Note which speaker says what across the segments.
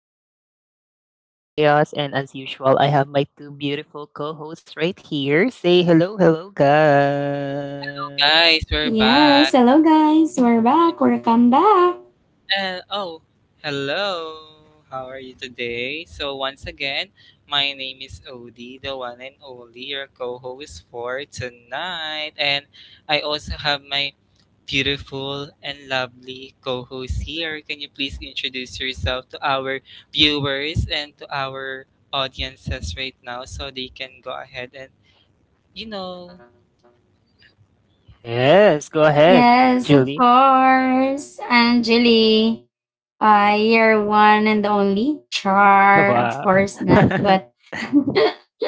Speaker 1: again, this is Three Cups of Chaos, and as usual, I have my two beautiful co hosts right here. Say hello, hello,
Speaker 2: Hello
Speaker 1: guys.
Speaker 2: guys, we're
Speaker 3: Yes,
Speaker 2: back.
Speaker 3: hello guys. We're back. Welcome back.
Speaker 2: And oh, hello. How are you today? So once again, my name is Odie, the one and only your co-host for tonight. And I also have my beautiful and lovely co-host here. Can you please introduce yourself to our viewers and to our audiences right now so they can go ahead and you know.
Speaker 1: Yes, go ahead,
Speaker 3: Yes, of
Speaker 1: Julie.
Speaker 3: course. Angeli, your one and only Char. Of
Speaker 1: Wow.
Speaker 3: course not, but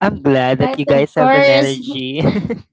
Speaker 1: I'm glad that
Speaker 3: but
Speaker 1: you
Speaker 3: of
Speaker 1: guys have an
Speaker 3: course.
Speaker 1: energy.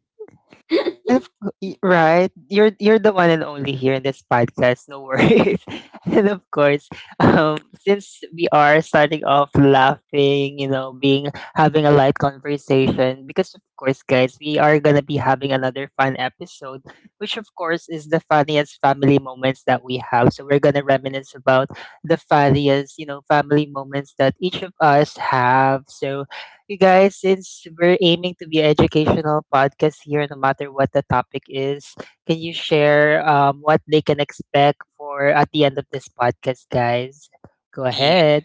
Speaker 1: And of cou- y- Right, you're the one and only here in this podcast. No worries. and of course, since we are starting off laughing, you know, being having a light conversation, because of course, guys, we are gonna be having another fun episode, which of course is the funniest family moments that we have. So we're gonna reminisce about the funniest, you know, family moments that each of us have. So you guys, since we're aiming to be an educational podcast here, no matter what the topic is, can you share what they can expect for at the end of this podcast, guys? Go ahead.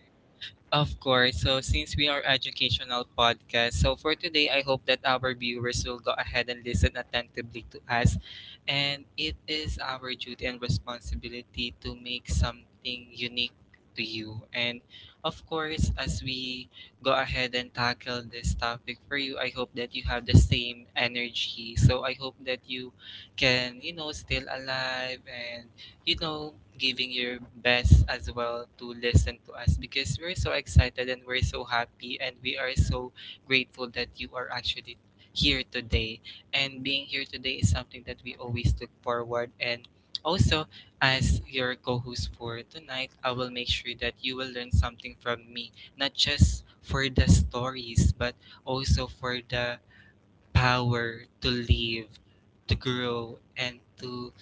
Speaker 2: Of course. So since we are educational podcast, so for today I hope that our viewers will go ahead and listen attentively to us, and it is our duty and responsibility to make something unique to you. And of course, as we go ahead and tackle this topic for you, I hope that you have the same energy. So I hope that you can, you know, still alive and you know, giving your best as well to listen to us because we're so excited and we're so happy and we are so grateful that you are actually here today. And being here today is something that we always look forward, and also as your co-host for tonight, I will make sure that you will learn something from me, not just for the stories, but also for the power to live, to grow, and to,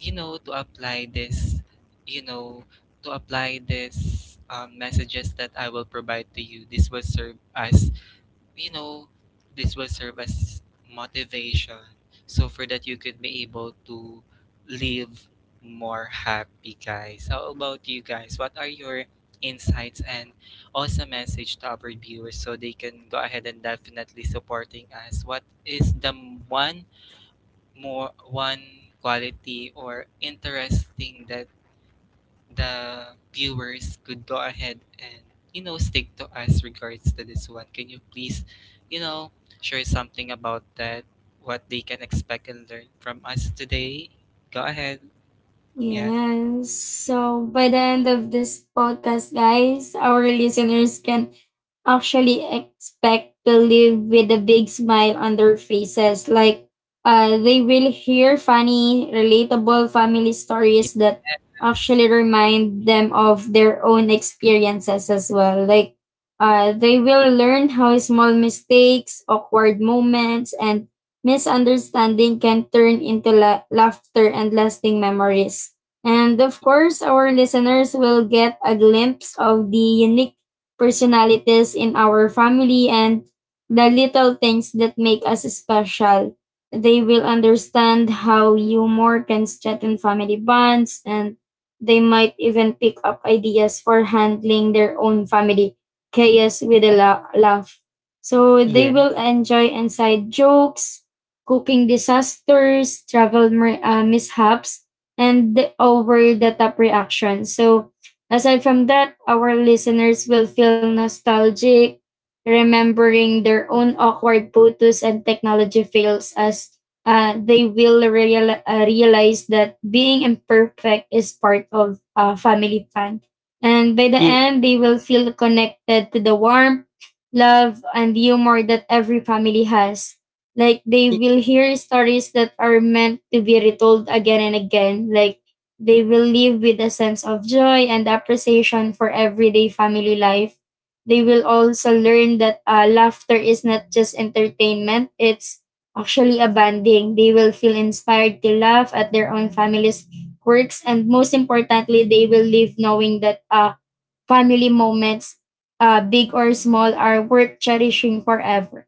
Speaker 2: you know, to apply this, you know, to apply this messages that I will provide to you. This will serve as you know, this will serve as motivation. So for that, you could be able to live more happy, guys. How about you guys? What are your insights and also message to our viewers so they can go ahead and definitely supporting us? What is the one one quality or interesting that the viewers could go ahead and you know stick to us regards to this one? Can you please you know share something about that, what they can expect and learn from us today? Go ahead. yes
Speaker 3: Yes. So by the end of this podcast, guys, our listeners can actually expect to live with a big smile on their faces. Like, they will hear funny, relatable family stories that
Speaker 2: yes
Speaker 3: actually remind them of their own experiences as well. Like, they will learn how small mistakes, awkward moments, and misunderstanding can turn into laughter and lasting memories. And of
Speaker 1: Y-
Speaker 3: course, our listeners will get a glimpse of the unique personalities in our family and the little things that make us special. They will understand how humor can strengthen family bonds and they might even pick up ideas for handling their own family chaos with a laugh. So they will
Speaker 1: yes.
Speaker 3: enjoy inside jokes, cooking disasters, travel mishaps, and the over the top reactions. So, aside from that, our listeners will feel nostalgic, remembering their own awkward photos and technology fails as realize that being imperfect is part of family fun. And by the end, they will feel connected to the warmth, love, and humor that every family has, like they
Speaker 1: Yeah.
Speaker 3: will hear stories that are meant to be retold again and again. Like they will live with a sense of joy and appreciation for everyday family life. They will also learn that laughter is not just entertainment, it's actually a bonding. They will feel inspired to laugh at their own family's quirks, and most importantly, they will live knowing that family moments, big or small, are worth cherishing forever.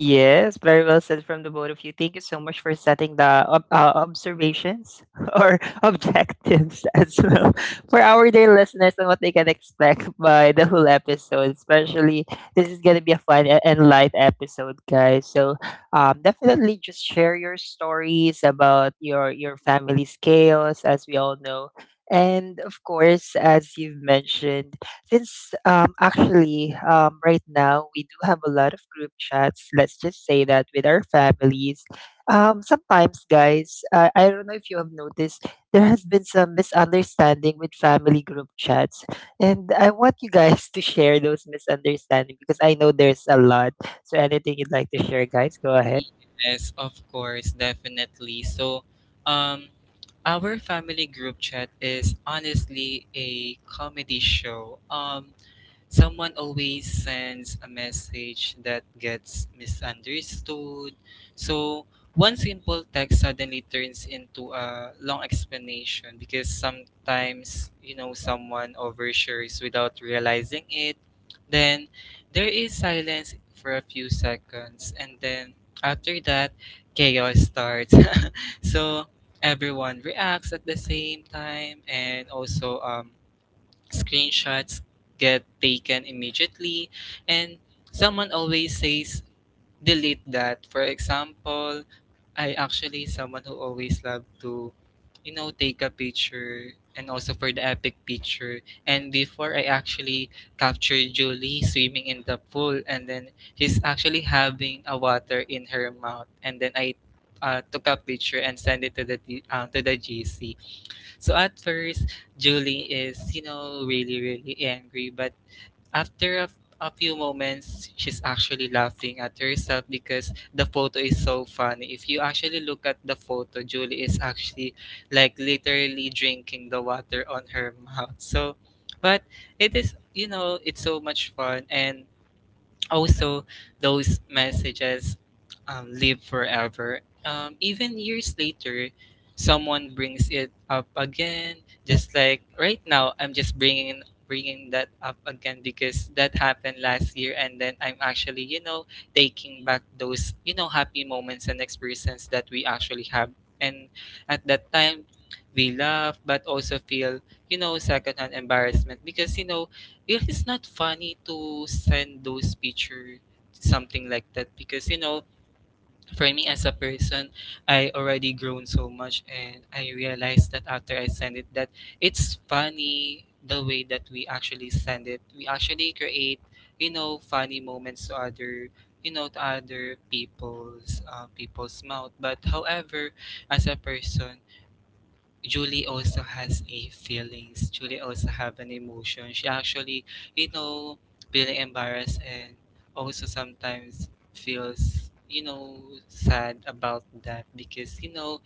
Speaker 1: Yes, very well said from the both of you. Thank you so much for setting the observations or objectives as well for our dear listeners and what they can expect by the whole episode. Especially, this is going to be a fun and light episode, guys. So, definitely just share your stories about your family's chaos, as we all know. And of course, as you've mentioned, since actually right now we do have a lot of group chats, let's just say that with our families. Sometimes, guys, I don't know if you have noticed, there has been some misunderstanding with family group chats. And I want you guys to share those misunderstanding because I know there's a lot. So anything you'd like to share, guys, go ahead.
Speaker 2: yes of course. Definitely. So um our family group chat is honestly a comedy show. Someone always sends a message that gets misunderstood. So one simple text suddenly turns into a long explanation because sometimes, you know, someone overshares without realizing it. Then there is silence for a few seconds, and then after that, chaos starts. So everyone reacts at the same time, and also screenshots get taken immediately, and someone always says, delete that. For example, I actually someone who always love to, you know, take a picture and also for the epic picture. And before I actually captured Julie swimming in the pool, and then she's actually having a water in her mouth, and then I took a picture and sent it to the to the GC. So at first, Julie is, you know, really, really angry. But after a few moments, she's actually laughing at herself because the photo is so funny. If you actually look at the photo, Julie is actually like literally drinking the water on her mouth. So, but it is, you know, it's so much fun. And also, those messages live forever. Even years later, someone brings it up again. Just like right now, I'm just bringing that up again because that happened last year, and then I'm actually you know taking back those you know happy moments and experiences that we actually have. And at that time, we laugh, but also feel you know secondhand embarrassment because you know it is not funny to send those picture, something like that, because, you know, for me as a person, I already grown so much and I realized that after I send it that it's funny the way that we actually send it. We actually create, you know, funny moments to other you know to other people's mouth, but however as a person Julie also has a feelings. Julie also have an emotion. She actually, you know, feeling embarrassed and also sometimes feels, you know, sad about that because, you know,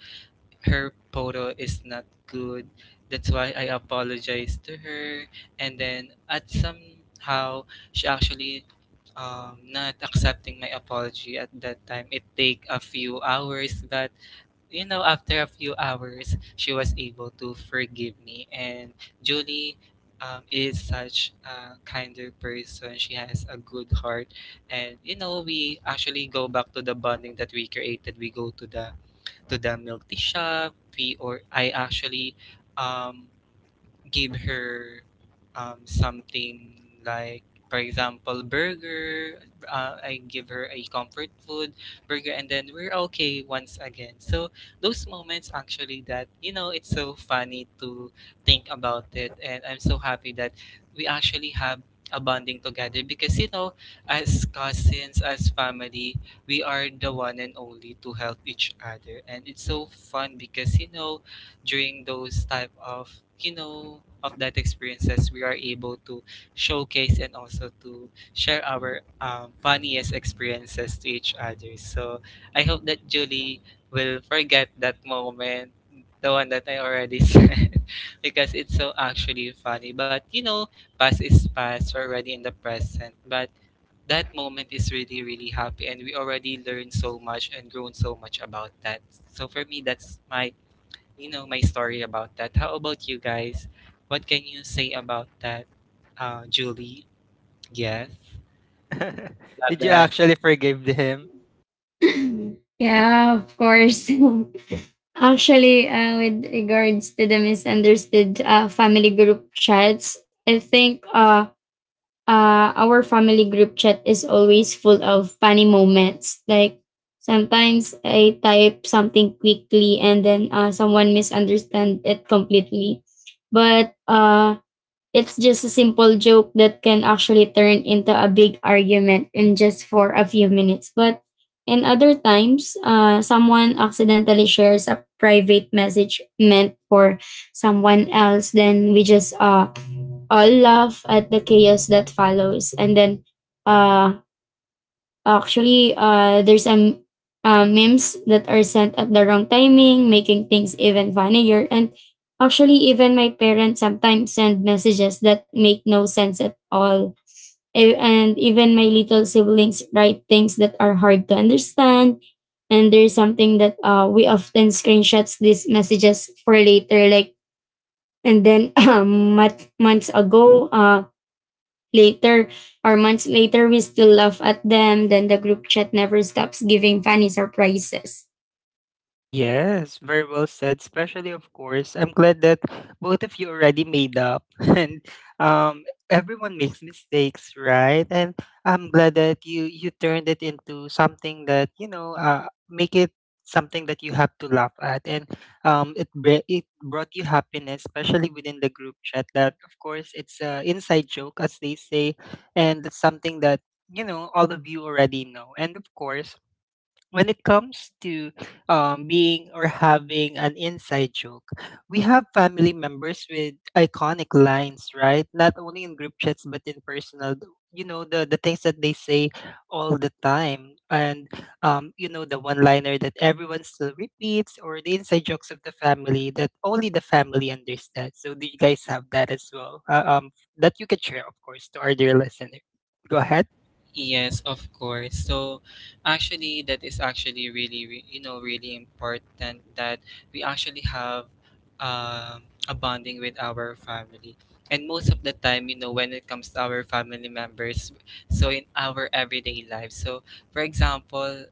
Speaker 2: her photo is not good. That's why I apologize to her. And then at somehow she actually not accepting my apology at that time. It take a few hours, but you know, after a few hours, she was able to forgive me. And Julie is such a kinder person. She has a good heart, and you know, we actually go back to the bonding that we created. We go to the milk tea shop. We or I actually um give her something like, for example, burger. I give her a comfort food burger, and then we're okay once again. So those moments actually that you know it's so funny to think about it, and I'm so happy that we actually have a bonding together because you know as cousins as family we are the one and only to help each other, and it's so fun because you know during those type of you know of that experiences we are able to showcase and also to share our funniest experiences to each other. So I hope that Julie will forget that moment, the one that I already said, because it's so actually funny, but you know past is past, we're already in the present, but that moment is really really happy and we already learned so much and grown so much about that. So for me that's my you know my story about that. How about you guys? What can you say about that, Julie? Yes, love
Speaker 1: Did you
Speaker 2: that.
Speaker 1: actually forgive him?
Speaker 3: Yeah, of course. Actually, with regards to the misunderstood family group chats, I think our family group chat is always full of funny moments. Like sometimes I type something quickly and then someone misunderstand it completely. But it's just a simple joke that can actually turn into a big argument in just for a few minutes. But in other times, someone accidentally shares a private message meant for someone else. Then we just all laugh at the chaos that follows. And then uh, actually, there's some memes that are sent at the wrong timing, making things even funnier. And actually, even my parents sometimes send messages that make no sense at all. And even my little siblings write things that are hard to understand. And there's something that we often screenshots these messages for later, like and then months ago, later or months later we still laugh at them, then the group chat never stops giving funny surprises.
Speaker 1: Yes, very well said. Especially, of course, I'm glad that both of you already made up, and everyone makes mistakes, right? And I'm glad that you turned it into something that you know, make it something that you have to laugh at, and it brought you happiness, especially within the group chat. That of course, it's a inside joke, as they say, and it's something that you know all of you already know, and of course when it comes to being or having an inside joke, we have family members with iconic lines, right? Not only in group chats but in personal. You know the things that they say all the time, and you know the one liner that everyone still repeats, or the inside jokes of the family that only the family understands. So do you guys have that as well? That you can share, of course, to our dear listener. Go ahead.
Speaker 2: Yes, of course. So actually that is actually really you know really important that we actually have um, a bonding with our family. And most of the time, you know, when it comes to our family members, so in our everyday life. So for example,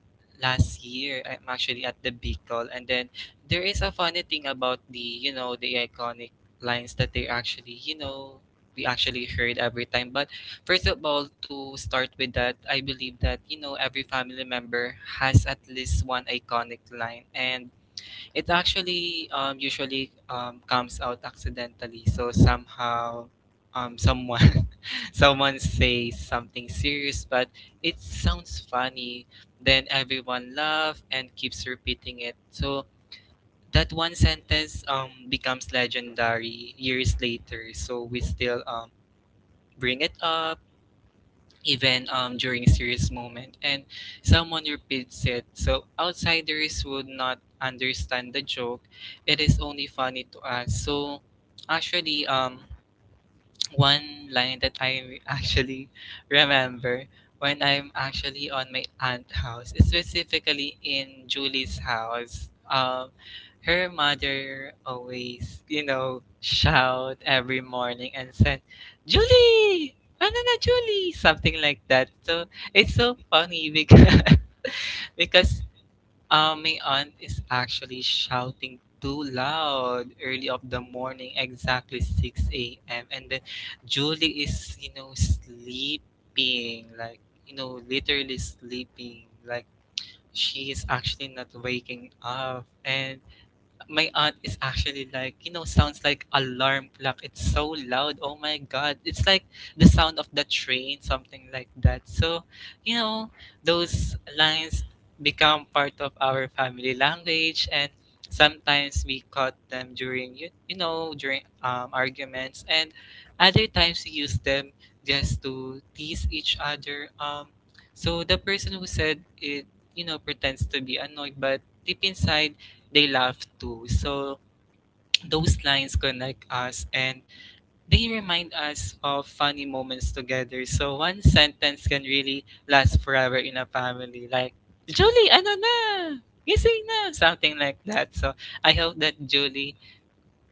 Speaker 2: last year I'm actually at the Bicol, and then there is a funny thing about the, you know, the iconic lines that they actually, you know, we actually heard every time. But first of all, to start with that, I believe that, you know, every family member has at least one iconic line, and it actually usually comes out accidentally. So somehow someone someone says something serious but it sounds funny, then everyone laughs and keeps repeating it. So that one sentence becomes legendary years later. So we still bring it up even during a serious moment. And someone repeats it, so outsiders would not understand the joke. It is only funny to us. So actually, one line that I actually remember when I'm actually on my aunt's house, specifically in Julie's house. Her mother always, you know, shout every morning and said, "Julie, ano na Julie?" Something like that. So it's so funny because because my aunt is actually shouting too loud early of the morning, exactly 6 a.m. And then Julie is, you know, sleeping, like, you know, literally sleeping. Like, she is actually not waking up. And my aunt is actually like, you know, sounds like alarm clock. It's so loud. Oh my god. It's like the sound of the train, something like that. So, you know, those lines become part of our family language, and sometimes we caught them during you, you know during arguments, and other times we use them just to tease each other so the person who said it you know pretends to be annoyed but deep inside they laugh too. So those lines connect us and they remind us of funny moments together. So one sentence can really last forever in a family. Like, Julie, ano na? Gising na? Something like that. So I hope that Julie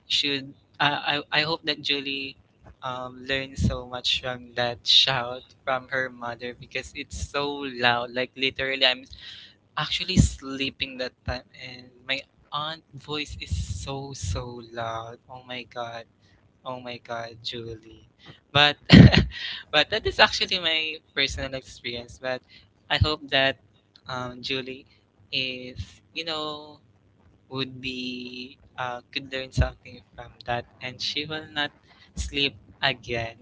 Speaker 2: should, uh, I hope that Julie learned so much from that shout from her mother because it's so loud. Like literally, I'm actually sleeping that time and my aunt voice is so so loud. Oh my god, oh my god, Julie. But but that is actually my personal experience, but I hope that Julie is you know would be could learn something from that, and she will not sleep again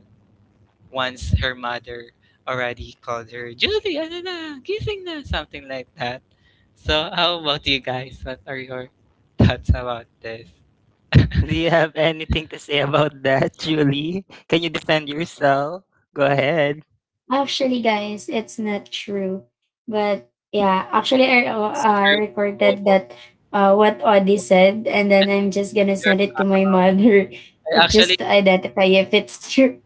Speaker 2: once her mother already called her, Julie ano na gising na, something like that. So how about you guys? What are your thoughts about this?
Speaker 1: Do you have anything to say about that, Julie? Can you defend yourself? Go ahead.
Speaker 3: Actually guys, it's not true, but yeah actually I
Speaker 2: It's true.
Speaker 3: recorded that what Audie said, and then
Speaker 2: I'm
Speaker 3: I'm just gonna send
Speaker 2: sure-
Speaker 3: it to my mother
Speaker 2: I
Speaker 3: just
Speaker 2: actually
Speaker 3: to identify if it's true.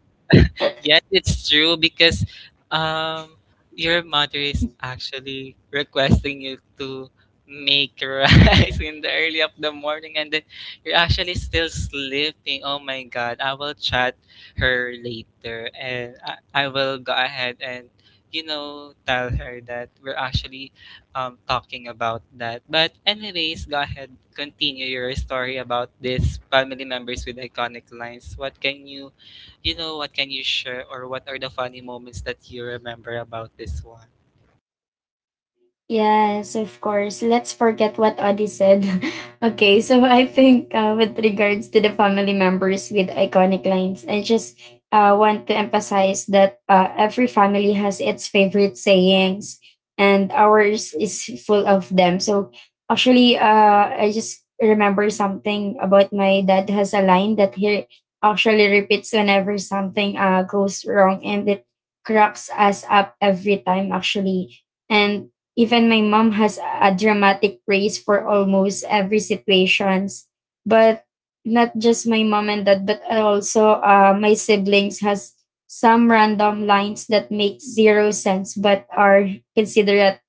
Speaker 2: Yes, it's true because um your mother is actually requesting you to make rice in the early of the morning, and then you're actually still sleeping. Oh my god, I will chat her later and I will go ahead and you know tell her that we're actually talking about that. But anyways, go ahead continue your story about this family members with iconic lines. What can you you know what? Can you share or what are the funny moments that you remember about this one?
Speaker 3: Yes, of course. Let's forget what Audie said. Okay, so I think with regards to the family members with iconic lines, I just want to emphasize that every family has its favorite sayings, and ours is full of them. So actually, I just remember something about my dad has a line that he actually repeats whenever something goes wrong, and it cracks us up every time, actually. And even my mom has a dramatic praise for almost every situations. But not just my mom and dad, but also my siblings has some random lines that make zero sense but are considered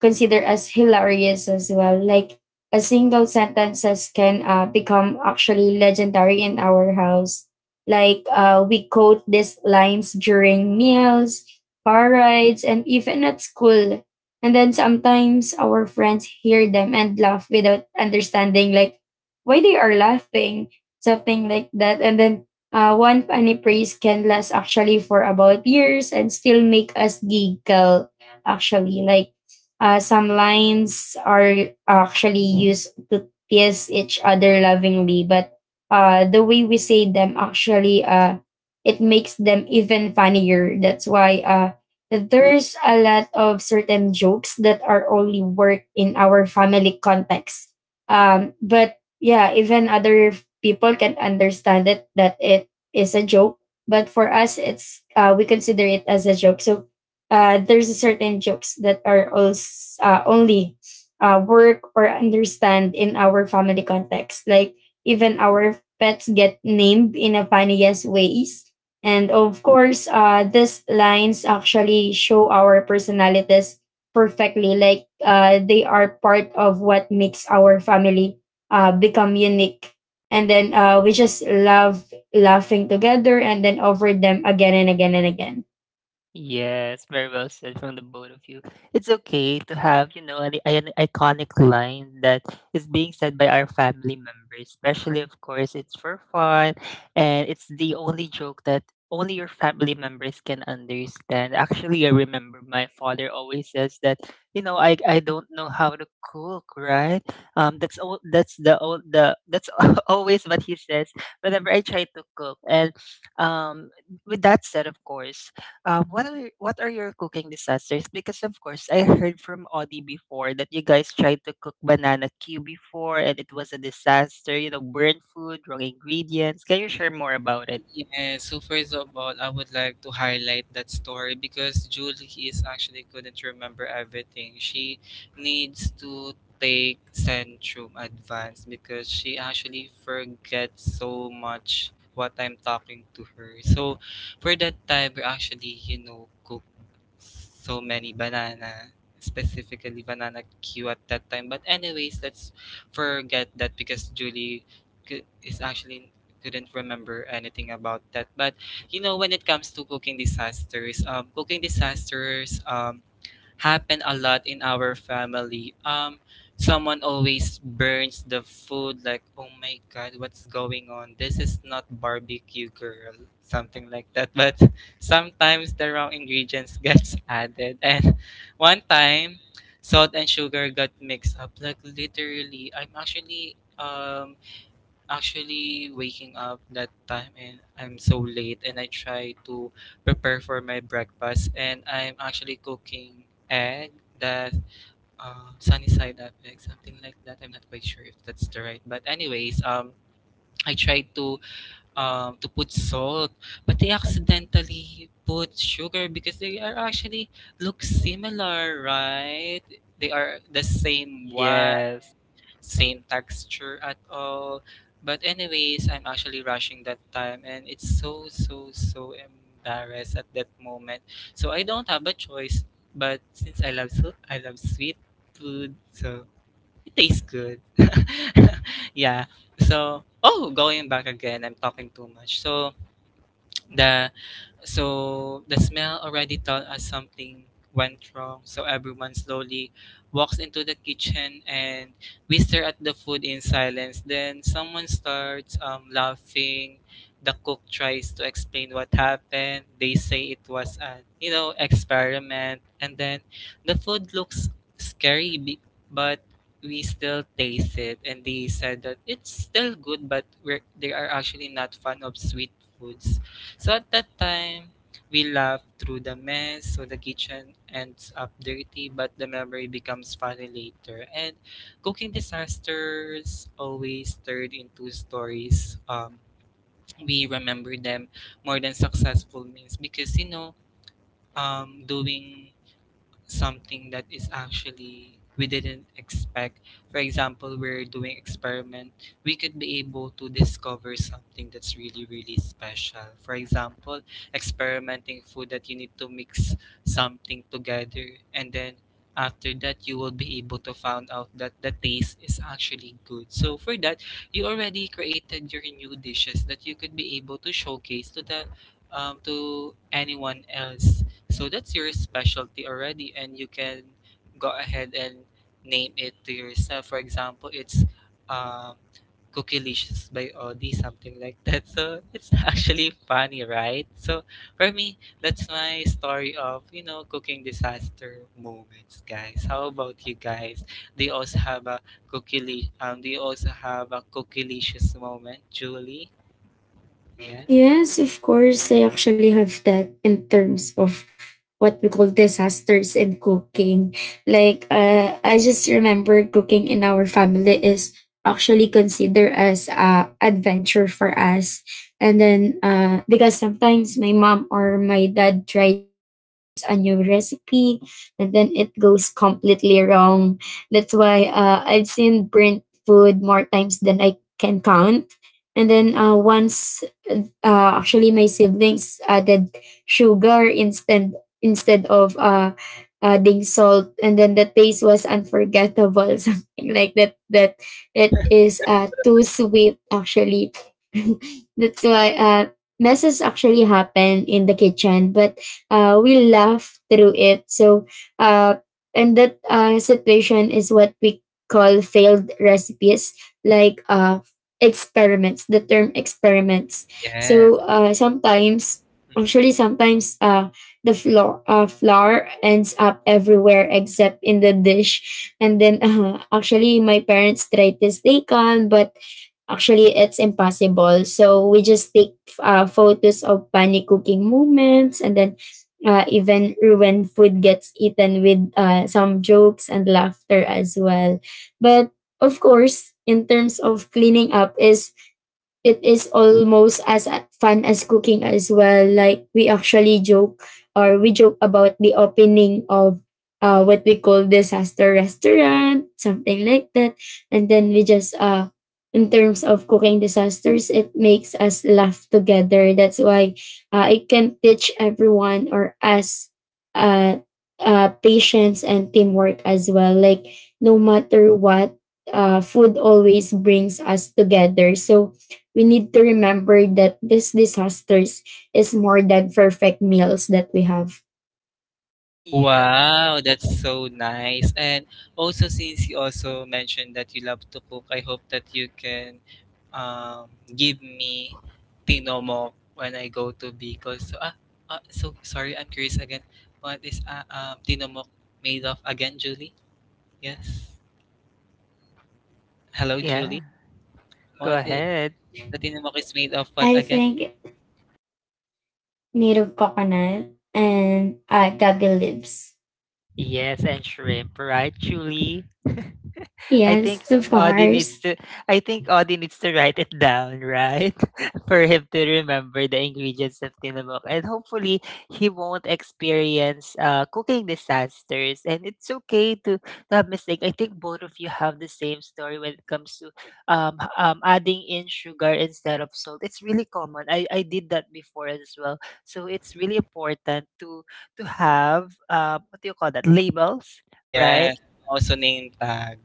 Speaker 3: considered as hilarious as well. Like a single sentences can become actually legendary in our house. Like we quote these lines during meals, car rides, and even at school. And then sometimes our friends hear them and laugh without understanding like why they are laughing, something like that. And then one funny praise can last actually for about years and still make us giggle. Actually, like some lines are actually used to tease each other lovingly, but the way we say them actually it makes them even funnier. That's why there's a lot of certain jokes that are only work in our family context. But yeah, even other people can understand it that it is a joke. But for us, it's we consider it as a joke. So there's a certain jokes that are also, only work or understand in our family context. Like even our pets get named in a funniest ways. And of course, these lines actually show our personalities perfectly. Like they are part of what makes our family become unique. And then we just love laughing together and then over them again and again and again.
Speaker 1: Yes, very well said from the both of you. It's okay to have, you know, an iconic line that is being said by our family members, especially, of course, it's for fun and it's the only joke that only your family members can understand. Actually, I remember my father always says that, you know, I don't know how to cook, right? That's all. That's the all the that's always what he says whenever I try to cook. And um, with that said, of course, what are your cooking disasters? Because of course, I heard from Audie before that you guys tried to cook banana Q before, and it was a disaster. You know, burnt food, wrong ingredients. Can you share more about it?
Speaker 2: Yeah, so first of all, I would like to highlight that story because Julie is actually couldn't remember everything. She needs to take Centrum Advance because she actually forgets so much what I'm talking to her. So for that time, we're actually, so many banana, specifically banana queue at that time. But anyways, let's forget that because Julie cou- is actually couldn't remember anything about that. But you know, when it comes to cooking disasters, happen a lot in our family. Someone always burns the food, like, oh my god, what's going on? This is not barbecue, girl. Something like that. But sometimes the wrong ingredients gets added. And one time, salt and sugar got mixed up. Like, literally, I'm actually waking up that time and I'm so late and I try to prepare for my breakfast and I'm actually cooking egg that sunny side up egg something like that. I'm not quite sure if that's the right, but anyways, I tried to to put salt, but they accidentally put sugar because they are actually look similar, right? They are the same one,
Speaker 1: Yes.
Speaker 2: same texture at all. But anyways, I'm actually rushing that time and it's so so so embarrassed at that moment. So I don't have a choice. But since I love sweet food, so it tastes good. Yeah. So oh, going back again, I'm talking too much. The so the smell already told us something went wrong. So everyone slowly walks into the kitchen and we stare at the food in silence. Then someone starts laughing. The cook tries to explain what happened. They say it was an experiment. And then the food looks scary, but we still taste it. And they said that it's still good, but they are actually not fan of sweet foods. So at that time, we laugh through the mess, so the kitchen ends up dirty, but the memory becomes funny later. And cooking disasters always turned into stories. We remember them more than successful means because doing something that is actually we didn't expect. For example, we're doing experiment, we could be able to discover something that's really, really special. For example, experimenting food that you need to mix something together and then after that you will be able to find out that the taste is actually good. So for that, you already created your new dishes that you could be able to showcase to the to anyone else, so that's your specialty already, and you can go ahead and name it to yourself. For example, it's um, Cookilicious by Audi, something like that. So it's actually funny, right? So for me, that's my story of, you know, cooking disaster moments, guys. How about you guys? They also have a cookilicious moment, Julie? Yes?
Speaker 3: Yes, of course. I actually have that in terms of what we call disasters in cooking. Like, I just remember cooking in our family is actually considered as a adventure for us. And then, because sometimes my mom or my dad tries a new recipe, and then it goes completely wrong. That's why I've seen burnt food more times than I can count. And then once actually my siblings added sugar instead of adding salt, and then the taste was unforgettable, something like that, that it is too sweet actually. That's why messes actually happen in the kitchen, but we laugh through it. So uh, and that situation is what we call failed recipes, like experiments, the term experiments. So
Speaker 2: Yes.
Speaker 3: sometimes, actually, sometimes the flour ends up everywhere except in the dish. And then actually, my parents tried to stay calm, but actually it's impossible, so we just take photos of funny cooking moments, and then even ruined food gets eaten with some jokes and laughter as well. But of course, in terms of cleaning up, is it is almost as fun as cooking as well. Like we actually joke or we joke about the opening of what we call disaster restaurant, something like that. And then we just in terms of cooking disasters, it makes us laugh together. That's why it can teach everyone or us uh, patience and teamwork as well. Like no matter what, food always brings us together. So we need to remember that these disasters is more than perfect meals that we have.
Speaker 1: Yeah.
Speaker 2: Wow, that's so nice. And also, since you also mentioned that you love to cook, I hope that you can um, give me tinomok when I go to Bicol. So, ah, ah, so sorry, I'm curious again. What is tinomok made of again, Julie? Yes. Hello,
Speaker 1: Yeah.
Speaker 2: Julie.
Speaker 1: Go
Speaker 2: What is
Speaker 1: ahead.
Speaker 2: the tinomok is made of what
Speaker 3: I
Speaker 2: again?
Speaker 3: think native coconut and gabi leaves.
Speaker 1: Yes, and shrimp, right, Julie? I think
Speaker 3: Yes, of
Speaker 1: Audie needs
Speaker 3: course.
Speaker 1: to I think Audie needs to write it down, right? For him to remember the ingredients of tinamok. And hopefully he won't experience cooking disasters. And it's okay to have mistake. I think both of you have the same story when it comes to adding in sugar instead of salt. It's really common. I did that before as well. So it's really important to have what do you call that? Labels, right?
Speaker 2: Yes. Also name tag.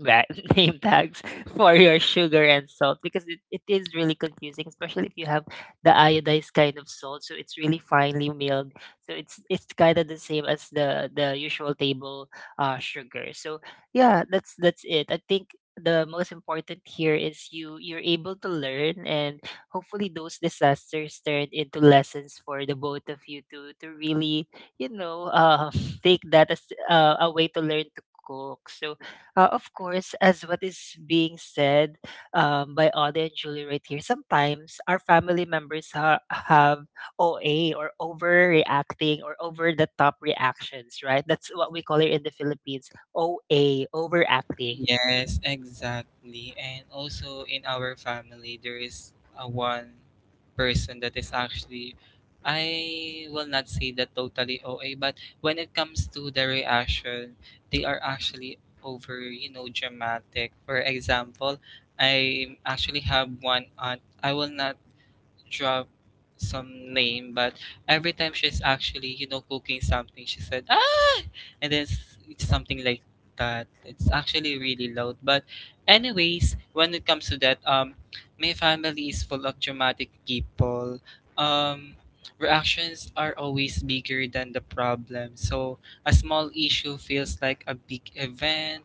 Speaker 1: ra- name tags for your sugar and salt because it is really confusing, especially if you have the iodized kind of salt. So it's really finely milled. So it's kind of the same as the usual table sugar. So yeah, that's it. I think the most important here is you're able to learn and hopefully those disasters turned into lessons for the both of you to really you know take that as a way to learn to cook. So of course, as what is being said by Audie and Julie right here, sometimes our family members have OA or overreacting or over the top reactions, right? That's what we call it in the Philippines, OA, overacting.
Speaker 2: Yes, exactly. And also in our family, there is a one person that is actually, I will not say that totally OA, but when it comes to the reaction, they are actually over, you know, dramatic. For example, I actually have one aunt. I will not drop some name, but every time she's actually, you know, cooking something, she said, ah! And then it's something like that. It's actually really loud. But anyways, when it comes to that, my family is full of dramatic people. Um, reactions are always bigger than the problem. So a small issue feels like a big event.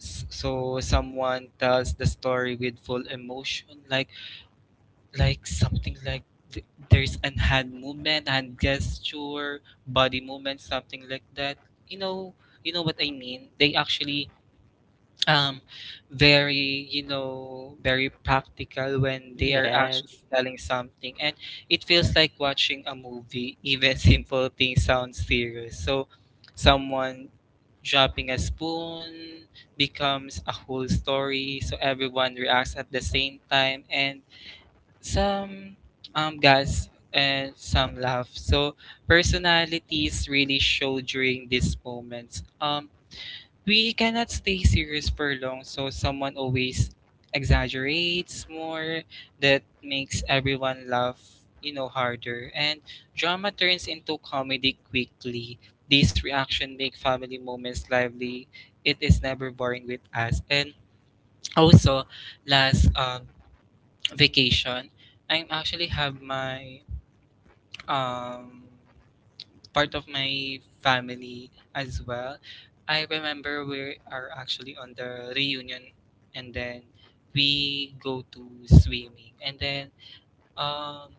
Speaker 2: So someone tells the story with full emotion, like something like there's an hand movement, hand gesture, body movement, something like that. You know, you know what I mean. They actually um very you know very practical when they are actually
Speaker 1: Yes.
Speaker 2: telling something, and it feels like watching a movie. Even simple things sound serious. So someone dropping a spoon becomes a whole story, so everyone reacts at the same time and some guys and some laugh. So personalities really show during these moments. We cannot stay serious for long, so someone always exaggerates more that makes everyone laugh, you know, harder. And drama turns into comedy quickly. These reaction make family moments lively. It is never boring with us. And also last vacation, I'm actually have my um part of my family as well. I remember we are actually on the reunion and then we go to swimming and then um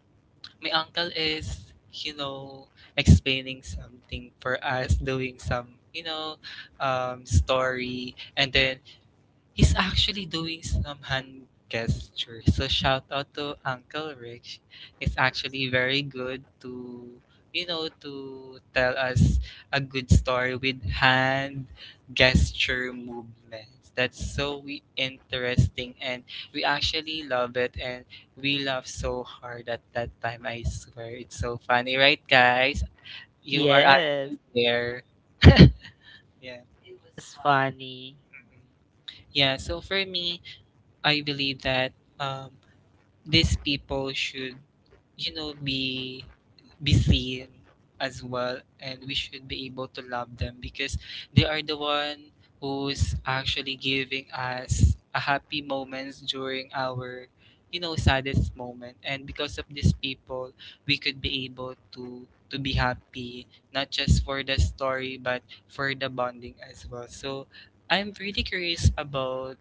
Speaker 2: my uncle is you know explaining something for us doing some story and then he's actually doing some hand gesture. So shout out to Uncle Rich. He's actually very good to you know to tell us a good story with hand gesture movements. That's so interesting and we actually love it and we laugh so hard at that time. I swear it's so funny, right guys? You are actually
Speaker 1: Yes,
Speaker 2: there. Yeah.
Speaker 1: it was funny.
Speaker 2: Yeah, so for me, I believe that um, these people should you know be seen as well and we should be able to love them because they are the one who's actually giving us a happy moments during our you know saddest moment, and because of these people we could be able to be happy not just for the story but for the bonding as well. So I'm really curious about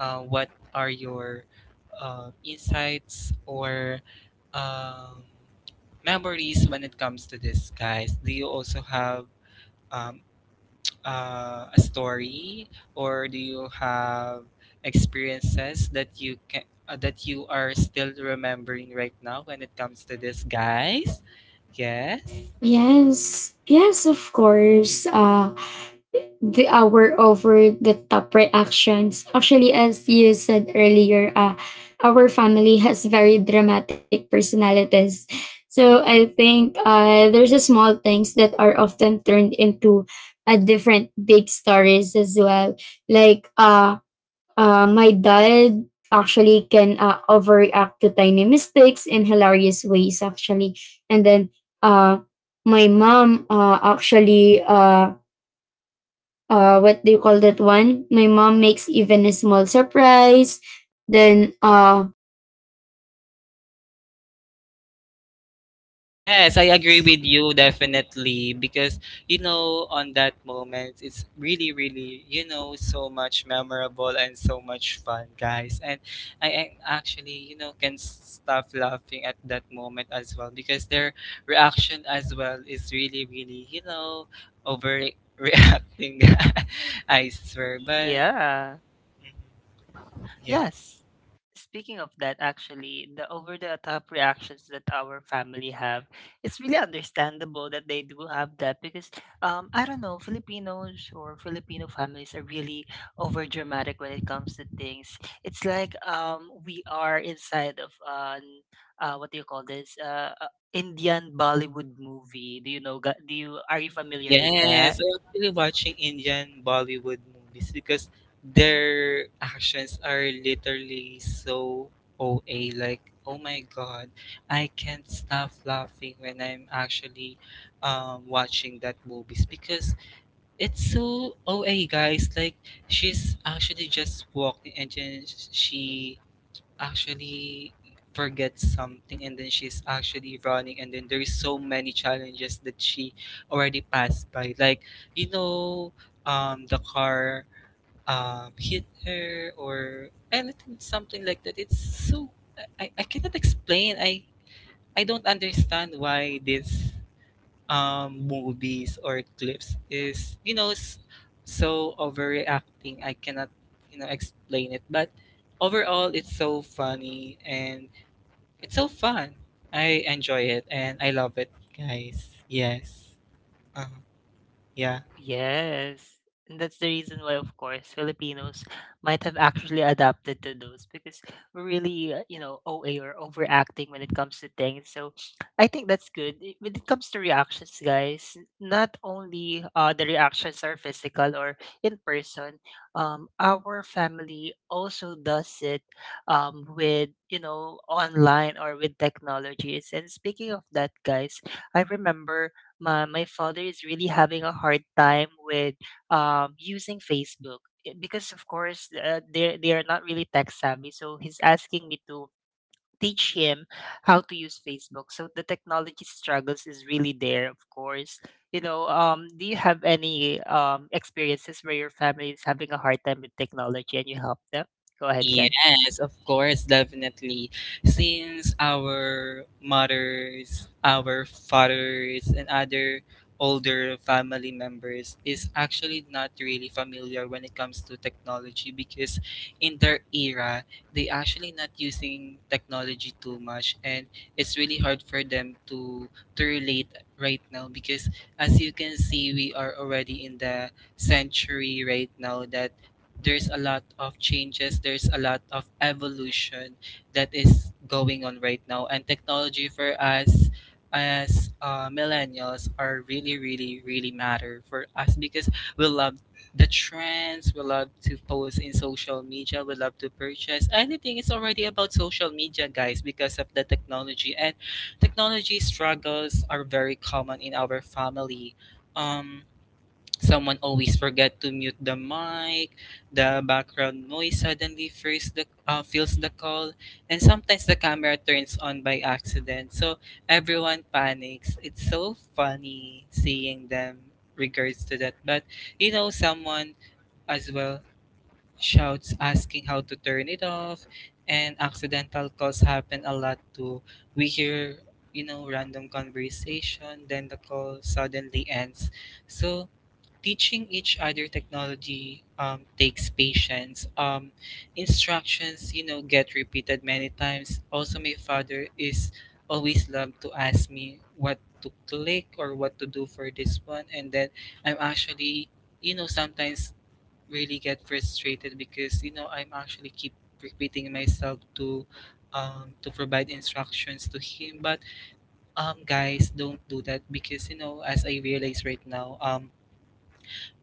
Speaker 2: what are your insights or um, memories when it comes to this, guys? Do you also have um, a story, or do you have experiences that you can that you are still remembering right now when it comes to this, guys? Yes.
Speaker 3: Yes, of course. The our over the top reactions. Actually, as you said earlier, our family has very dramatic personalities. So I think there's a small things that are often turned into a different big stories as well. Like my dad actually can overreact to tiny mistakes in hilarious ways actually, and then uh, my mom actually what do you call that one? My mom makes even a small surprise. Then uh.
Speaker 2: Yes, I agree
Speaker 1: S-
Speaker 2: with you definitely because you know on that moment it's really really you know so much memorable and so much fun, guys, and I actually you know can stop laughing at that moment as well because their reaction as well is really really you know overreacting. I swear, but
Speaker 1: Yeah.
Speaker 2: mhm, yeah.
Speaker 1: Yes. Speaking of that, actually, the over the top reactions that our family have, it's really understandable that they do have that because I don't know, Filipinos or Filipino families are really over dramatic when it comes to things. It's like we are inside of an what do you call this? Indian Bollywood movie. Do you know ga- do you are you familiar with
Speaker 2: Yes,
Speaker 1: that?
Speaker 2: I feel watching Indian Bollywood movies because their actions are literally so OA. Like, oh my God, I can't stop laughing when I'm actually watching that movies because it's so OA, guys. Like, she's actually just walking and then she actually forgets something and then she's actually running and then there's so many challenges that she already passed by, like you know the car hit her or anything something like that, it's so I cannot explain, I I don't understand why this movies or clips is you know so overreacting. I cannot you know explain it, but overall it's so funny and it's so fun. I enjoy it and I love it, guys. Yes. Uh, yeah.
Speaker 1: Yes. And that's the reason why, of course, Filipinos might have actually adapted to those because we're really, you know, OA or overacting when it comes to things. So I think that's good. When it comes to reactions, guys, not only the reactions are physical or in person, our family also does it with, you know, online or with technologies. And speaking of that, guys, I remember my father is really having a hard time with using Facebook eh, because of course they are not really tech savvy. So he's asking me to teach him how to use Facebook. So the technology struggles is really there, of course. You know, do you have any experiences where your family is having a hard time with technology and you help them? Go ahead, Ken.
Speaker 2: Yes, of course, definitely. Since our mothers, our fathers, and other older family members is actually not really familiar when it comes to technology because in their era they actually not using technology too much and it's really hard for them to relate right now because as you can see we are already in the century right now, that there's a lot of changes, there's a lot of evolution that is going on right now. And technology for us as millennials are really, really, really matter for us because we love the trends, we love to post in social media, we love to purchase. Anything is already about social media, guys, because of the technology. And technology struggles are very common in our family. Um, Someone always forget to mute the mic, the background noise suddenly fills fills the call, and sometimes the camera turns on by accident. So everyone panics. It's so funny seeing them regards to that. But you know, someone as well shouts asking how to turn it off, and accidental calls happen a lot too. We hear you know random conversation, then the call suddenly ends. So teaching each other technology takes patience. Instructions, you know, get repeated many times. Also, my father is always loved to ask me what to click or what to do for this one, and then I'm actually, you know, sometimes really get frustrated because you know I'm actually keep repeating myself to. To provide instructions to him, but guys, don't do that because, you know, as I realize right now,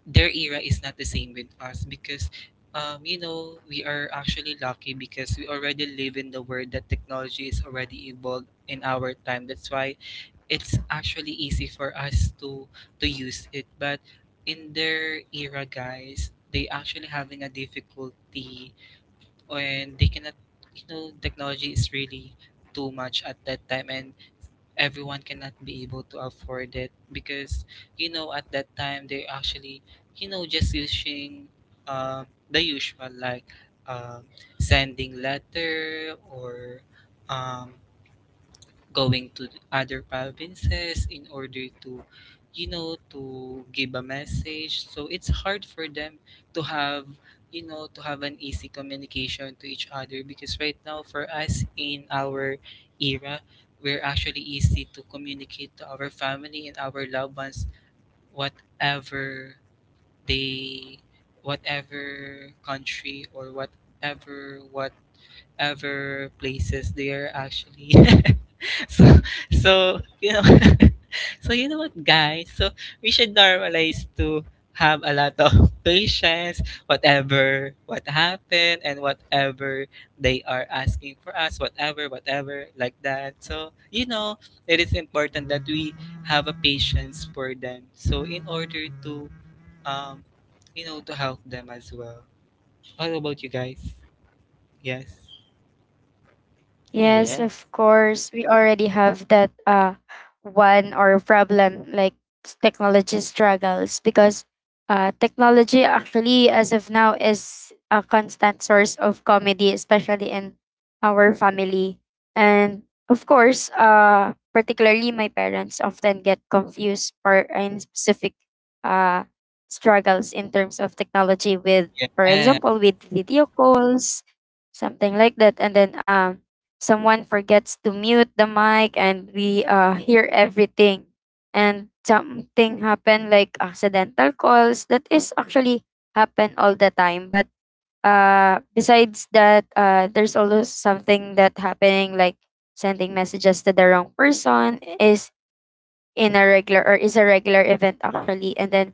Speaker 2: their era is not the same with us because you know, we are actually lucky because we already live in the world that technology is already evolved in our time. That's why it's actually easy for us to use it, but in their era, guys, they actually having a difficulty, and they cannot, you know, technology is really too much at that time, and everyone cannot be able to afford it because, you know, at that time they're actually, you know, just using uh, the usual, like um, sending letter or um, going to the other provinces in order to, you know, to give a message. So it's hard for them to have, you know, to have an easy communication to each other because right now for us in our era, we're actually easy to communicate to our family and our loved ones, whatever they, whatever country or whatever places they are actually So, so, you know, so you know what, guys? So we should normalize to have a lot of patience, whatever what happened and whatever they are asking for us, whatever, whatever, like that. So, you know, it is important that we have a patience for them. So in order to um, you know, to help them as well. How about you guys? Yes.
Speaker 3: Yes,
Speaker 1: Yes.
Speaker 3: of course. We already have that one or problem like technology struggles, because technology actually as of now is a constant source of comedy, especially in our family. And of course, particularly my parents often get confused for in specific uh struggles in terms of technology, with for
Speaker 2: Yeah.
Speaker 3: example with video calls, something like that. And then someone forgets to mute the mic and we hear everything, and something happen like accidental calls that is actually happen all the time. But besides that, there's also something that happening like sending messages to the wrong person is in a regular or is a regular event actually. And then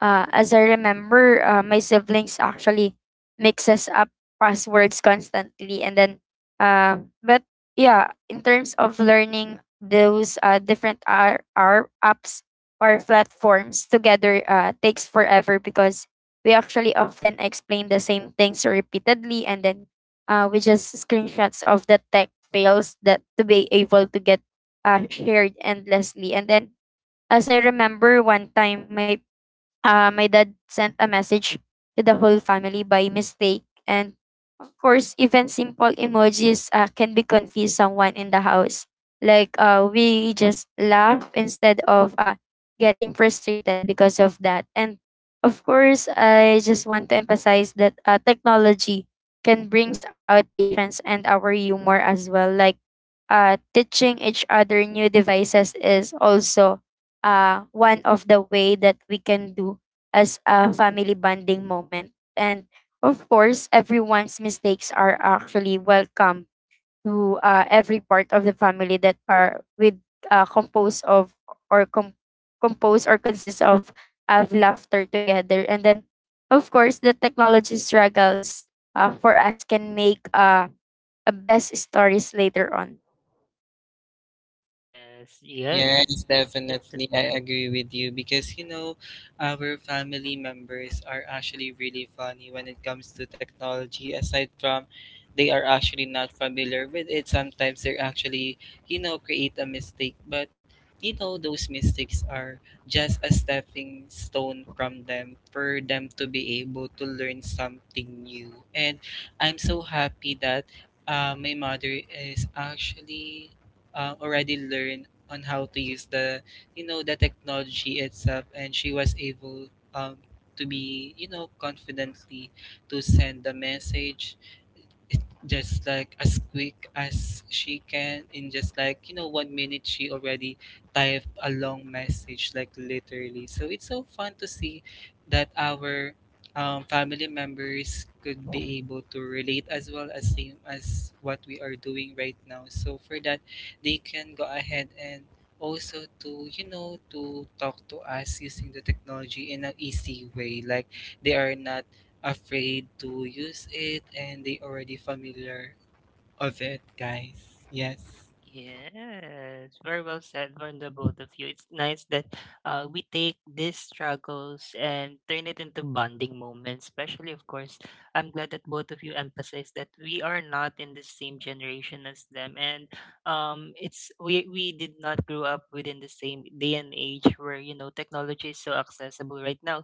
Speaker 3: as I remember, my siblings actually mixes up passwords constantly. And then uh, but yeah, in terms of learning those different r r apps or platforms together takes forever, because we actually often explain the same things repeatedly. And then we just screenshots of the tech fails that to be able to get shared endlessly. And then as I remember, one time my my dad sent a message to the whole family by mistake. And of course, even simple emojis can be confuse someone in the house. Like we just laugh instead of getting frustrated because of that. And of course, I just want to emphasize that technology can brings out patience and our humor as well. Like teaching each other new devices is also one of the way that we can do as a family bonding moment, and of course everyone's mistakes are actually welcome to every part of the family that are with composed of or compose or consists of laughter together. And then of course the technology struggles for us can make a best stories later on.
Speaker 1: Yes. Yes.
Speaker 2: Yes,
Speaker 1: Yes.
Speaker 2: definitely. I agree with you because, you know, our family members are actually really funny when it comes to technology. Aside from they are actually not familiar with it, sometimes they're actually, you know, create a mistake. But, you know, those mistakes are just a stepping stone from them for them to be able to learn something new. And I'm so happy that my mother is actually already learned on how to use the, you know, the technology itself, and she was able um to be, you know, confidently to send the message just like as quick as she can in just like, you know, 1 minute she already typed a long message, like literally. So it's so fun to see that our family members could be able to relate as well as same as what we are doing right now. So for that, they can go ahead and also to, you know, to talk to us using the technology in an easy way, like they are not afraid to use it, and they already familiar of it, guys. Yes.
Speaker 1: Yes, very well said from the both of you. It's nice that we take these struggles and turn it into bonding moments. Especially, of course, I'm glad that both of you emphasize that we are not in the same generation as them, and it's we did not grow up within the same day and age where you know technology is so accessible right now.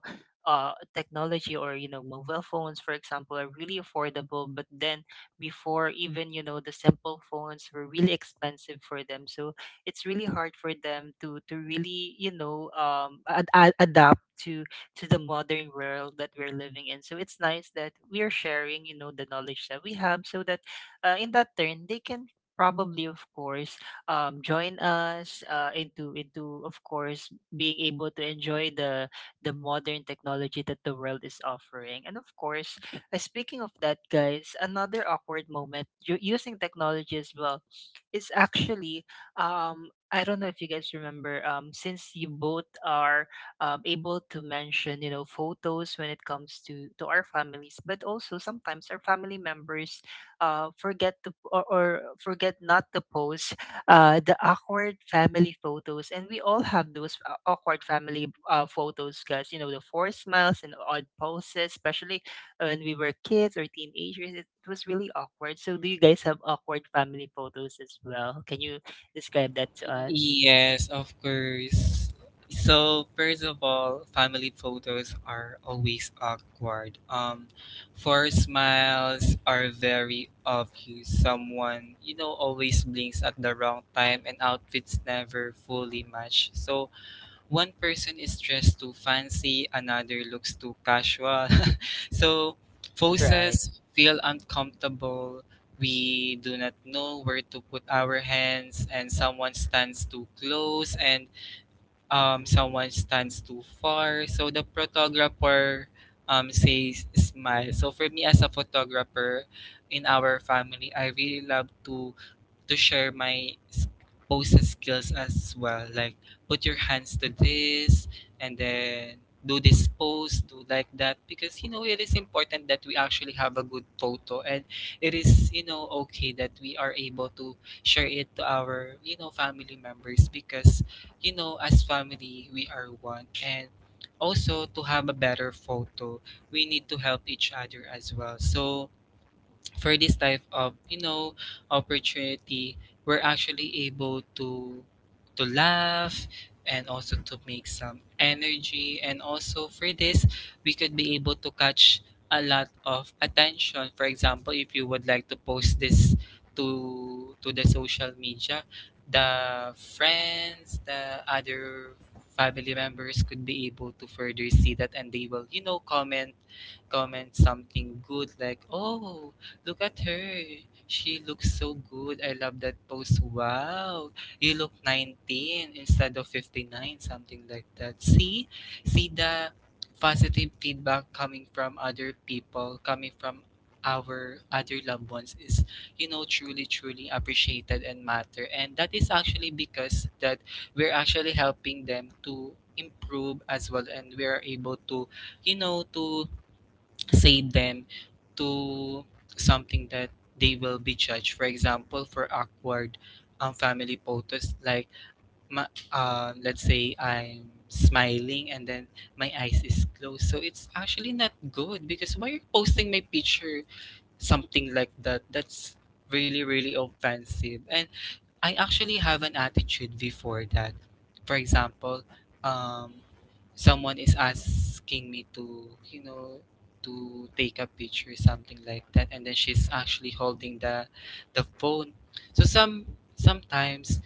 Speaker 1: Technology or you know mobile phones, for example, are really affordable, but then before even you know the simple phones were really expensive for them, so it's really hard for them to really you know adapt to the modern world that we're living in. So it's nice that we're sharing you know the knowledge that we have so that in that turn they can probably of course join us into of course being able to enjoy the modern technology that the world is offering. And of course, speaking of that, guys, another awkward moment using technology as well is actually I don't know if you guys remember since you both are able to mention you know photos when it comes to our families, but also sometimes our family members forget to or forget not to post the awkward family photos, and we all have those awkward family photos, guys. You know the four smiles and odd poses, especially when we were kids or teenagers, it was really awkward. So, do you guys have awkward family photos as well? Can you describe that to us?
Speaker 2: Yes, of course. So first of all, family photos are always awkward. Four smiles are very obvious. Someone, you know, always blinks at the wrong time, and outfits never fully match. So one person is dressed too fancy, another looks too casual. So
Speaker 1: Right.
Speaker 2: voices feel uncomfortable. We do not know where to put our hands, and someone stands too close, and someone stands too far. So the photographer says smile. So for me as a photographer in our family, I really love to share my poses skills as well. Like, put your hands to this, and then do this pose, do like that, because, you know, it is important that we actually have a good photo, and it is, you know, okay that we are able to share it to our, you know, family members, because, you know, as family we are one, and also to have a better photo, we need to help each other as well. So for this type of, you know, opportunity, we're actually able to laugh and also to make some energy, and also for this, we could be able to catch a lot of attention, for example, if you would like to post this to the social media, the friends, the other family members could be able to further see that, and they will, you know, comment something good, like, oh, look at her. She looks so good. I love that pose. Wow. You look 19 instead of 59, something like that. See? See the positive feedback coming from other people, coming from our other loved ones, is, you know, truly truly appreciated and matter, and that is actually because that we're actually helping them to improve as well, and we are able to, you know, to save them to something that they will be judged. For example, for awkward family photos, like let's say I'm smiling and then my eyes is closed. So it's actually not good, because why you're posting my picture, something like that? That's really really offensive, and I actually have an attitude before that. For example, um, someone is asking me to, you know, to take a picture, something like that, and then she's actually holding the phone. So sometimes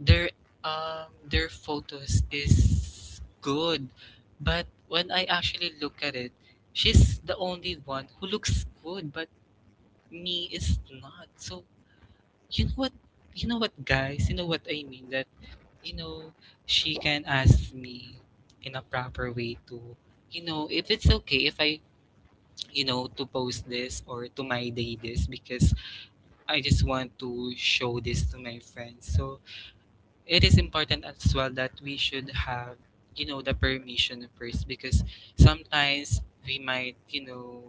Speaker 2: their their photos is good, but when I actually look at it, she's the only one who looks good, but me is not. So you know what, guys, you know what I mean, that, you know, she can ask me in a proper way to, you know, if it's okay if I, you know, to post this or to my day this, because I just want to show this to my friends. So it is important as well that we should have, you know, the permission first, because sometimes we might, you know,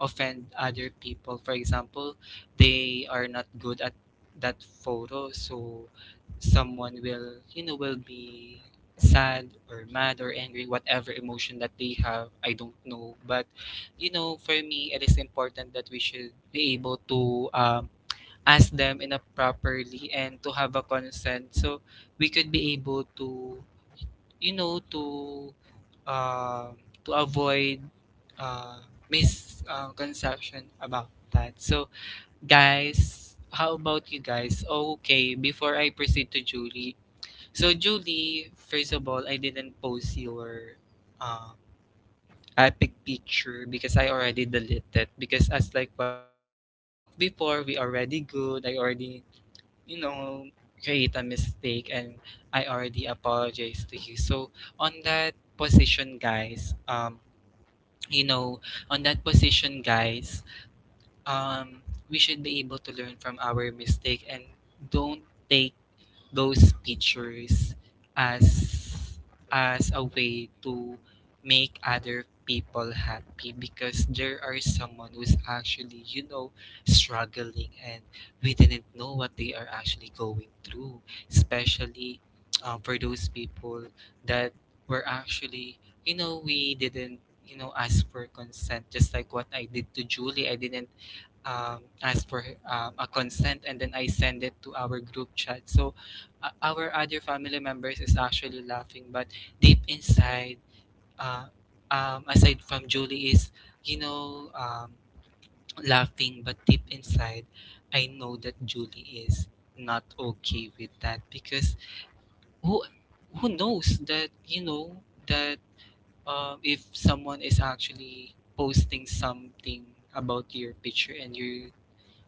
Speaker 2: offend other people, for example, they are not good at that photo. So someone will, you know, will be sad or mad or angry, whatever emotion that they have, I don't know. But, you know, for me, it is important that we should be able to ask them in a properly and to have a consent. So we could be able to, you know, um to avoid uh misconception about that. So guys, how about you guys? Okay, before I proceed to Julie, so Julie, first of all, I didn't post your uh, epic picture because I already deleted it, because as like what we talked before, we already good. I already, you know, create a mistake, and I already apologize to you. So on that position, guys, you know, on that position, guys, um, we should be able to learn from our mistake, and don't take those pictures as a way to make other people happy, because there are someone who's actually, you know, struggling, and we didn't know what they are actually going through, especially for those people that were actually, you know, we didn't, you know, ask for consent, just like what I did to Julie. I didn't ask for a consent, and then I send it to our group chat. So our other family members is actually laughing, but deep inside, uh, aside from Julie is, you know, laughing, but deep inside, I know that Julie is not okay with that, because who who knows that, you know, that if someone is actually posting something about your picture and you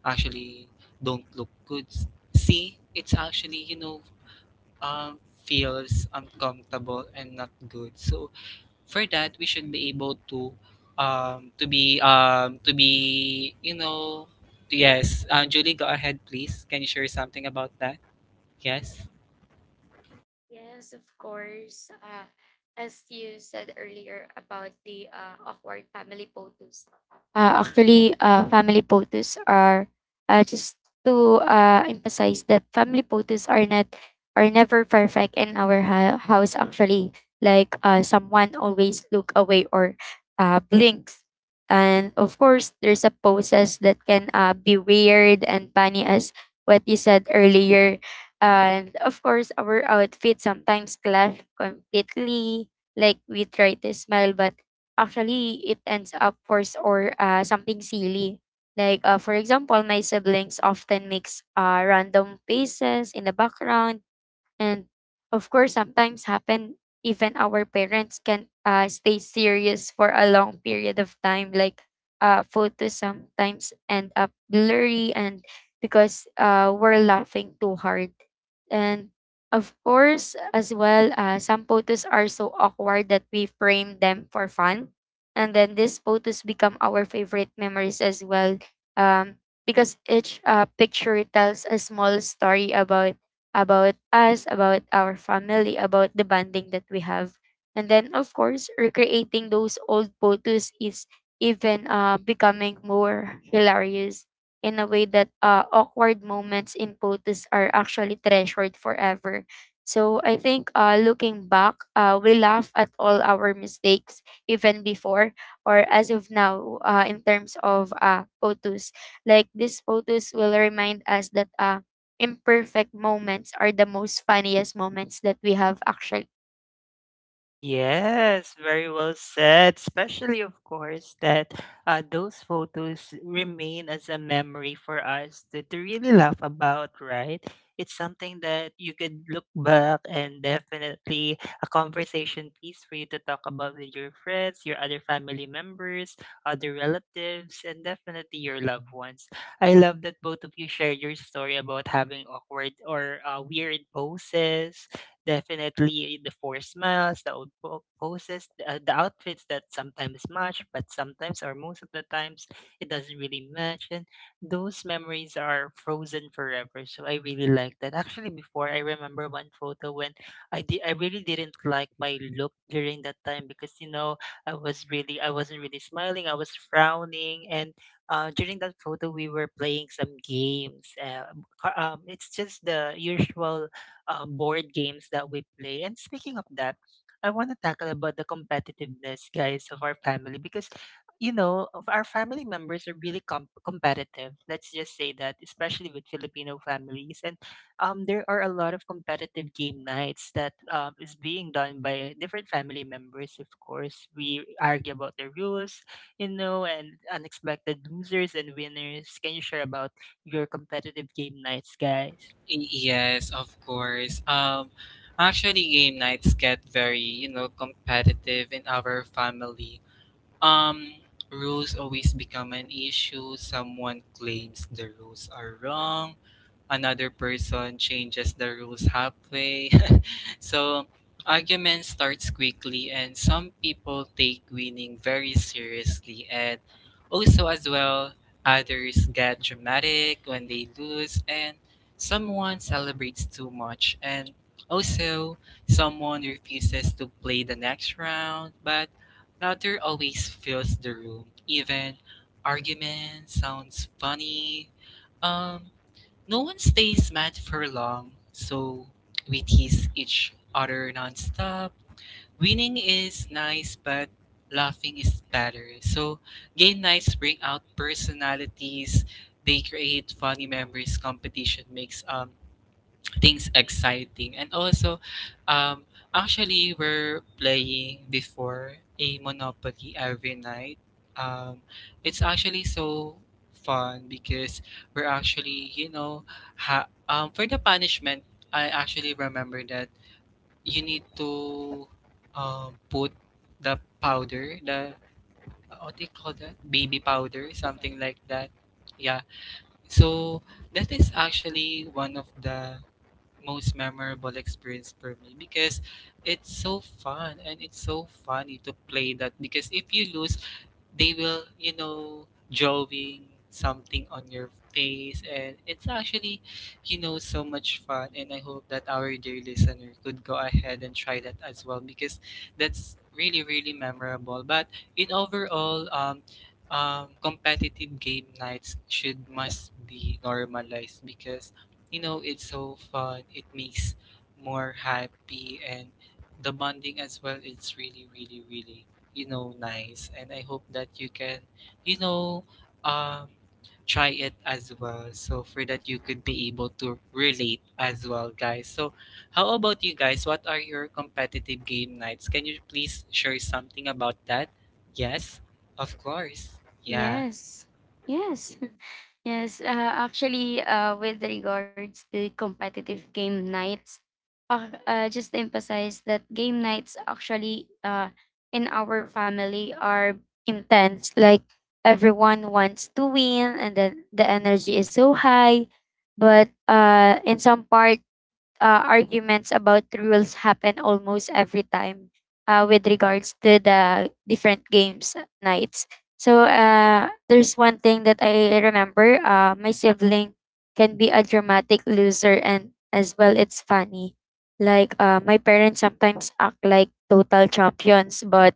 Speaker 2: actually don't look good. See, it's actually, you know, feels uncomfortable and not good. So for that, we should be able to be, you know, yes. Julie, go ahead, please. Can you share something about that? Yes.
Speaker 3: Yes, of course. As you said earlier about the awkward family photos. Family photos are just to emphasize that family photos are not are never perfect in our house. Actually, like someone always look away or blinks, and of course, there's a poses that can be weird and funny as what you said earlier. And of course, our outfit sometimes clash completely. Like we try to smile, but actually it ends up forced or something silly. Like for example, my siblings often mix random faces in the background. And of course, sometimes happen even our parents can stay serious for a long period of time, like photos sometimes end up blurry and because we're laughing too hard. And of course, as well, some photos are so awkward that we frame them for fun. And then these photos become our favorite memories as well. Um, because each picture tells a small story about us, about our family, about the bonding that we have. And then, of course, recreating those old photos is even becoming more hilarious in a way that awkward moments in photos are actually treasured forever. So I think looking back, we laugh at all our mistakes, even before or as of now, in terms of photos. Like these photos will remind us that imperfect moments are the most funniest moments that we have actually.
Speaker 1: Yes, very well said. Especially, of course, that those photos remain as a memory for us to really laugh about, right? It's something that you could look back, and definitely a conversation piece for you to talk about with your friends, your other family members, other relatives, and definitely your loved ones. I love that both of you share your story about having awkward or weird poses. Definitely the four smiles, the poses, the outfits that sometimes match, but sometimes or most of the times it doesn't really match. And those memories are frozen forever. So I really like that. Actually, before I remember one photo when I really didn't like my look during that time because you know I wasn't really smiling. I was frowning, and during that photo we were playing some games. It's just the usual board games that we play. And speaking of that, I want to tackle about the competitiveness, guys, of our family because you know of our family members are really competitive. Let's just say that, especially with Filipino families, and there are a lot of competitive game nights that is being done by different family members. Of course, we argue about the rules, you know, and unexpected losers and winners. Can you share about your competitive game nights, guys?
Speaker 2: Yes, of course. Actually, game nights get very, you know, competitive in our family. Um, Rules always become an issue. Someone claims the rules are wrong. Another person changes the rules halfway. So argument starts quickly, and some people take winning very seriously. And also, as well, others get dramatic when they lose, and someone celebrates too much. And also, someone refuses to play the next round, but laughter always fills the room. Even argument sounds funny. Um, no one stays mad for long, so we tease each other nonstop. Winning is nice, but laughing is better. So game nights bring out personalities. They create funny memories. Competition makes things exciting. And also, um, actually, we're playing before a Monopoly every night. Um, it's actually so fun because we're actually, you know, for the punishment, I actually remember that you need to put the powder, the, what do you call that? Baby powder, something like that. Yeah. So that is actually one of the most memorable experience for me, because it's so fun and it's so funny to play that, because if you lose, they will, you know, drawing something on your face, and it's actually, you know, so much fun, and I hope that our dear listener could go ahead and try that as well, because that's really really memorable. But in overall, competitive game nights should must be normalized, because, you know, it's so fun, it makes more happy, and the bonding as well, it's really really really, you know, nice. And I hope that you can, you know, um, try it as well. So for that, you could be able to relate as well, guys. So how about you guys? What are your competitive game nights? Can you please share something about that? Yes, of course. Yeah.
Speaker 3: Yes. Yes. Yes. With regards to competitive game nights, just to emphasize that game nights actually in our family are intense. Like everyone wants to win, and then the energy is so high. But in some part, arguments about rules happen almost every time with regards to the different games nights. So there's one thing that I remember. My sibling can be a dramatic loser, and as well, it's funny. Like my parents sometimes act like total champions, but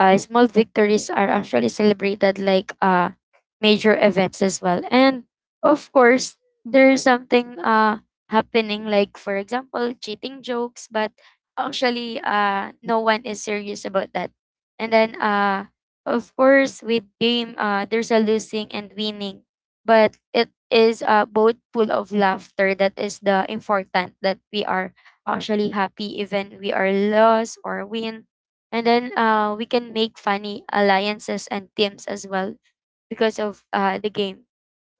Speaker 3: small victories are actually celebrated like major events as well. And of course, there's something happening like, for example, cheating jokes, but actually no one is serious about that. And then, of course, with game, there's a losing and winning, but it is both full of laughter. That is the important that we are actually happy even we are lost or win. And then we can make funny alliances and teams as well because of the game.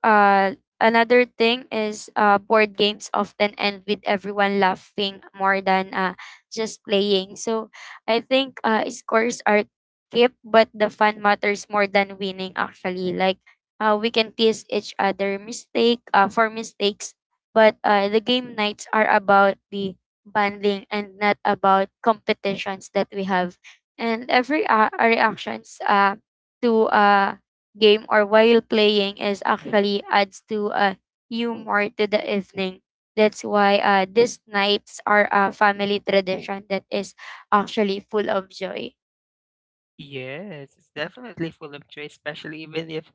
Speaker 3: Another thing is board games often end with everyone laughing more than just playing. So I think scores are kept, but the fun matters more than winning actually. Like we can tease each other mistake for mistakes, but the game nights are about the bonding and not about competitions that we have. And every reactions to game or while playing is actually adds to a humor to the evening. That's why these nights are a family tradition that is actually full of joy.
Speaker 1: Yes, it's definitely full of joy, especially even if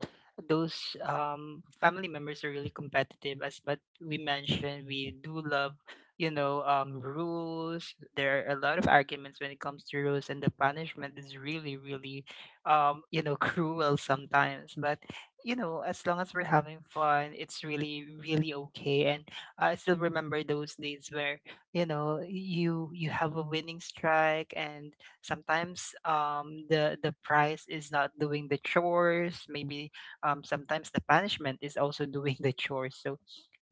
Speaker 1: those family members are really competitive. As but we mentioned, we do love, you know, rules. There are a lot of arguments when it comes to rules, and the punishment is really, really, you know, cruel sometimes. But you know, as long as we're having fun, it's really, really okay. And I still remember those days where you know you have a winning strike, and sometimes the price is not doing the chores. Maybe sometimes the punishment is also doing the chores. So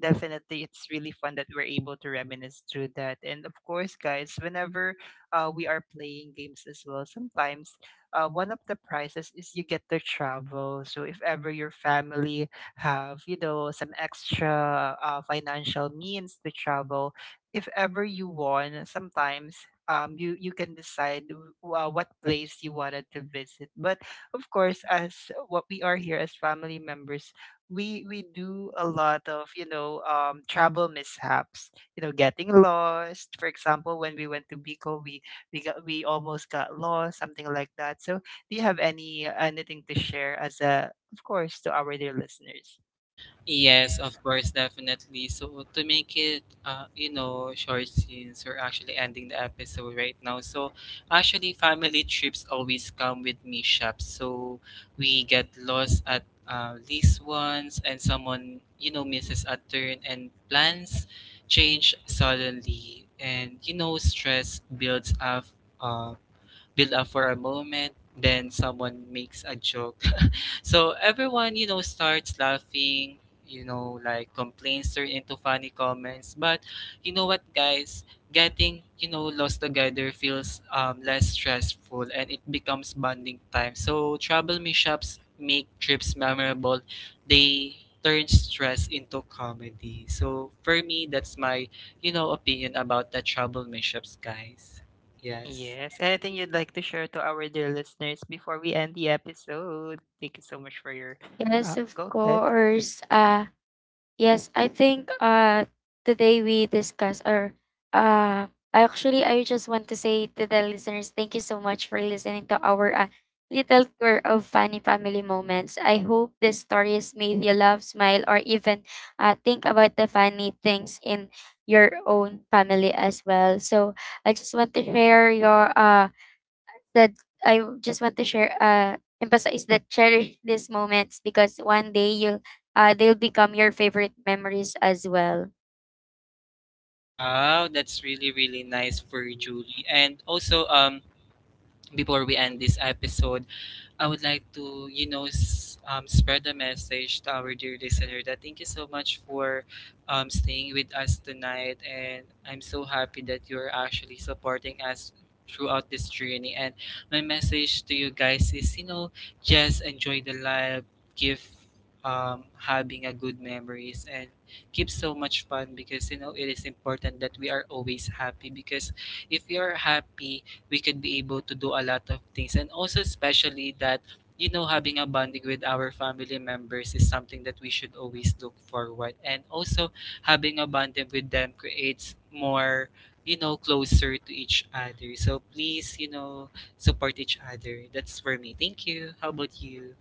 Speaker 1: definitely it's really fun that we're able to reminisce through that. And of course guys, whenever we are playing games as well, sometimes one of the prizes is you get to travel. So if ever your family have you know some extra financial means to travel, if ever you won, sometimes you you can decide what place you wanted to visit. But of course, as what we are here as family members, we do a lot of you know travel mishaps, you know getting lost, for example, when we went to Bicol, we got we almost got lost, something like that. So do you have any anything to share, as a of course, to our dear listeners?
Speaker 2: Yes,
Speaker 1: Yeah.
Speaker 2: of course, definitely. So to make it, you know, short, since we're actually ending the episode right now. So actually, family trips always come with mishaps. So we get lost at least once, and someone, you know, misses a turn, and plans change suddenly, and, you know, stress builds uh, build up for a moment. Then someone makes a joke, so everyone, you know, starts laughing, you know, like complaints turn into funny comments. But you know what, guys? Getting, you know, lost together feels less stressful, and it becomes bonding time. So travel mishaps make trips memorable. They turn stress into comedy. So for me, that's my, you know, opinion about the travel mishaps, guys. Yes.
Speaker 1: Yes, anything you'd like to share to our dear listeners before we end the episode? Thank you so much for your
Speaker 3: Yes, of
Speaker 1: go ahead.
Speaker 3: course. Yes, I think today we discuss or uh I actually I just want to say to the listeners thank you so much for listening to our little tour of funny family moments. I hope these stories made you laugh, smile or even think about the funny things in your own family as well. So I just want to share your uh that I just want to share, emphasize that cherish these moments because one day they'll become your favorite memories as well.
Speaker 2: Wow, that's really, really nice for Julie. And also, before we end this episode, I would like to, you know, spread a message to our dear listener that thank you so much for staying with us tonight. And I'm so happy that you're actually supporting us throughout this journey. And my message to you guys is, you know, just enjoy the life, give having a good memories, and keep so much fun, because, you know, it is important that we are always happy, because if you are happy, we could be able to do a lot of things, and also especially that, you know, having a bonding with our family members is something that we should always look forward, and also, having a bonding with them creates more, you know, closer to each other. So please, you know, support each other. That's for me, thank you. How about you?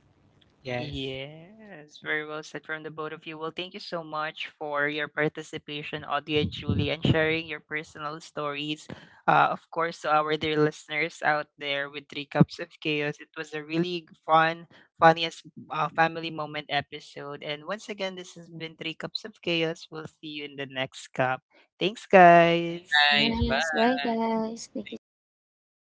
Speaker 2: Yes,
Speaker 1: Yes, very well said from the both of you. Well, thank you so much for your participation, Audie and Julie, and sharing your personal stories. Of course, to our dear listeners out there with Three Cups of Chaos, it was a really fun, funniest family moment episode. And once again, this has been Three Cups of Chaos. We'll see you in the next cup. Thanks, guys.
Speaker 2: guys,
Speaker 3: Yes, bye
Speaker 2: bye.
Speaker 3: guys. Thank you
Speaker 2: Thank
Speaker 3: so
Speaker 2: you.
Speaker 3: much.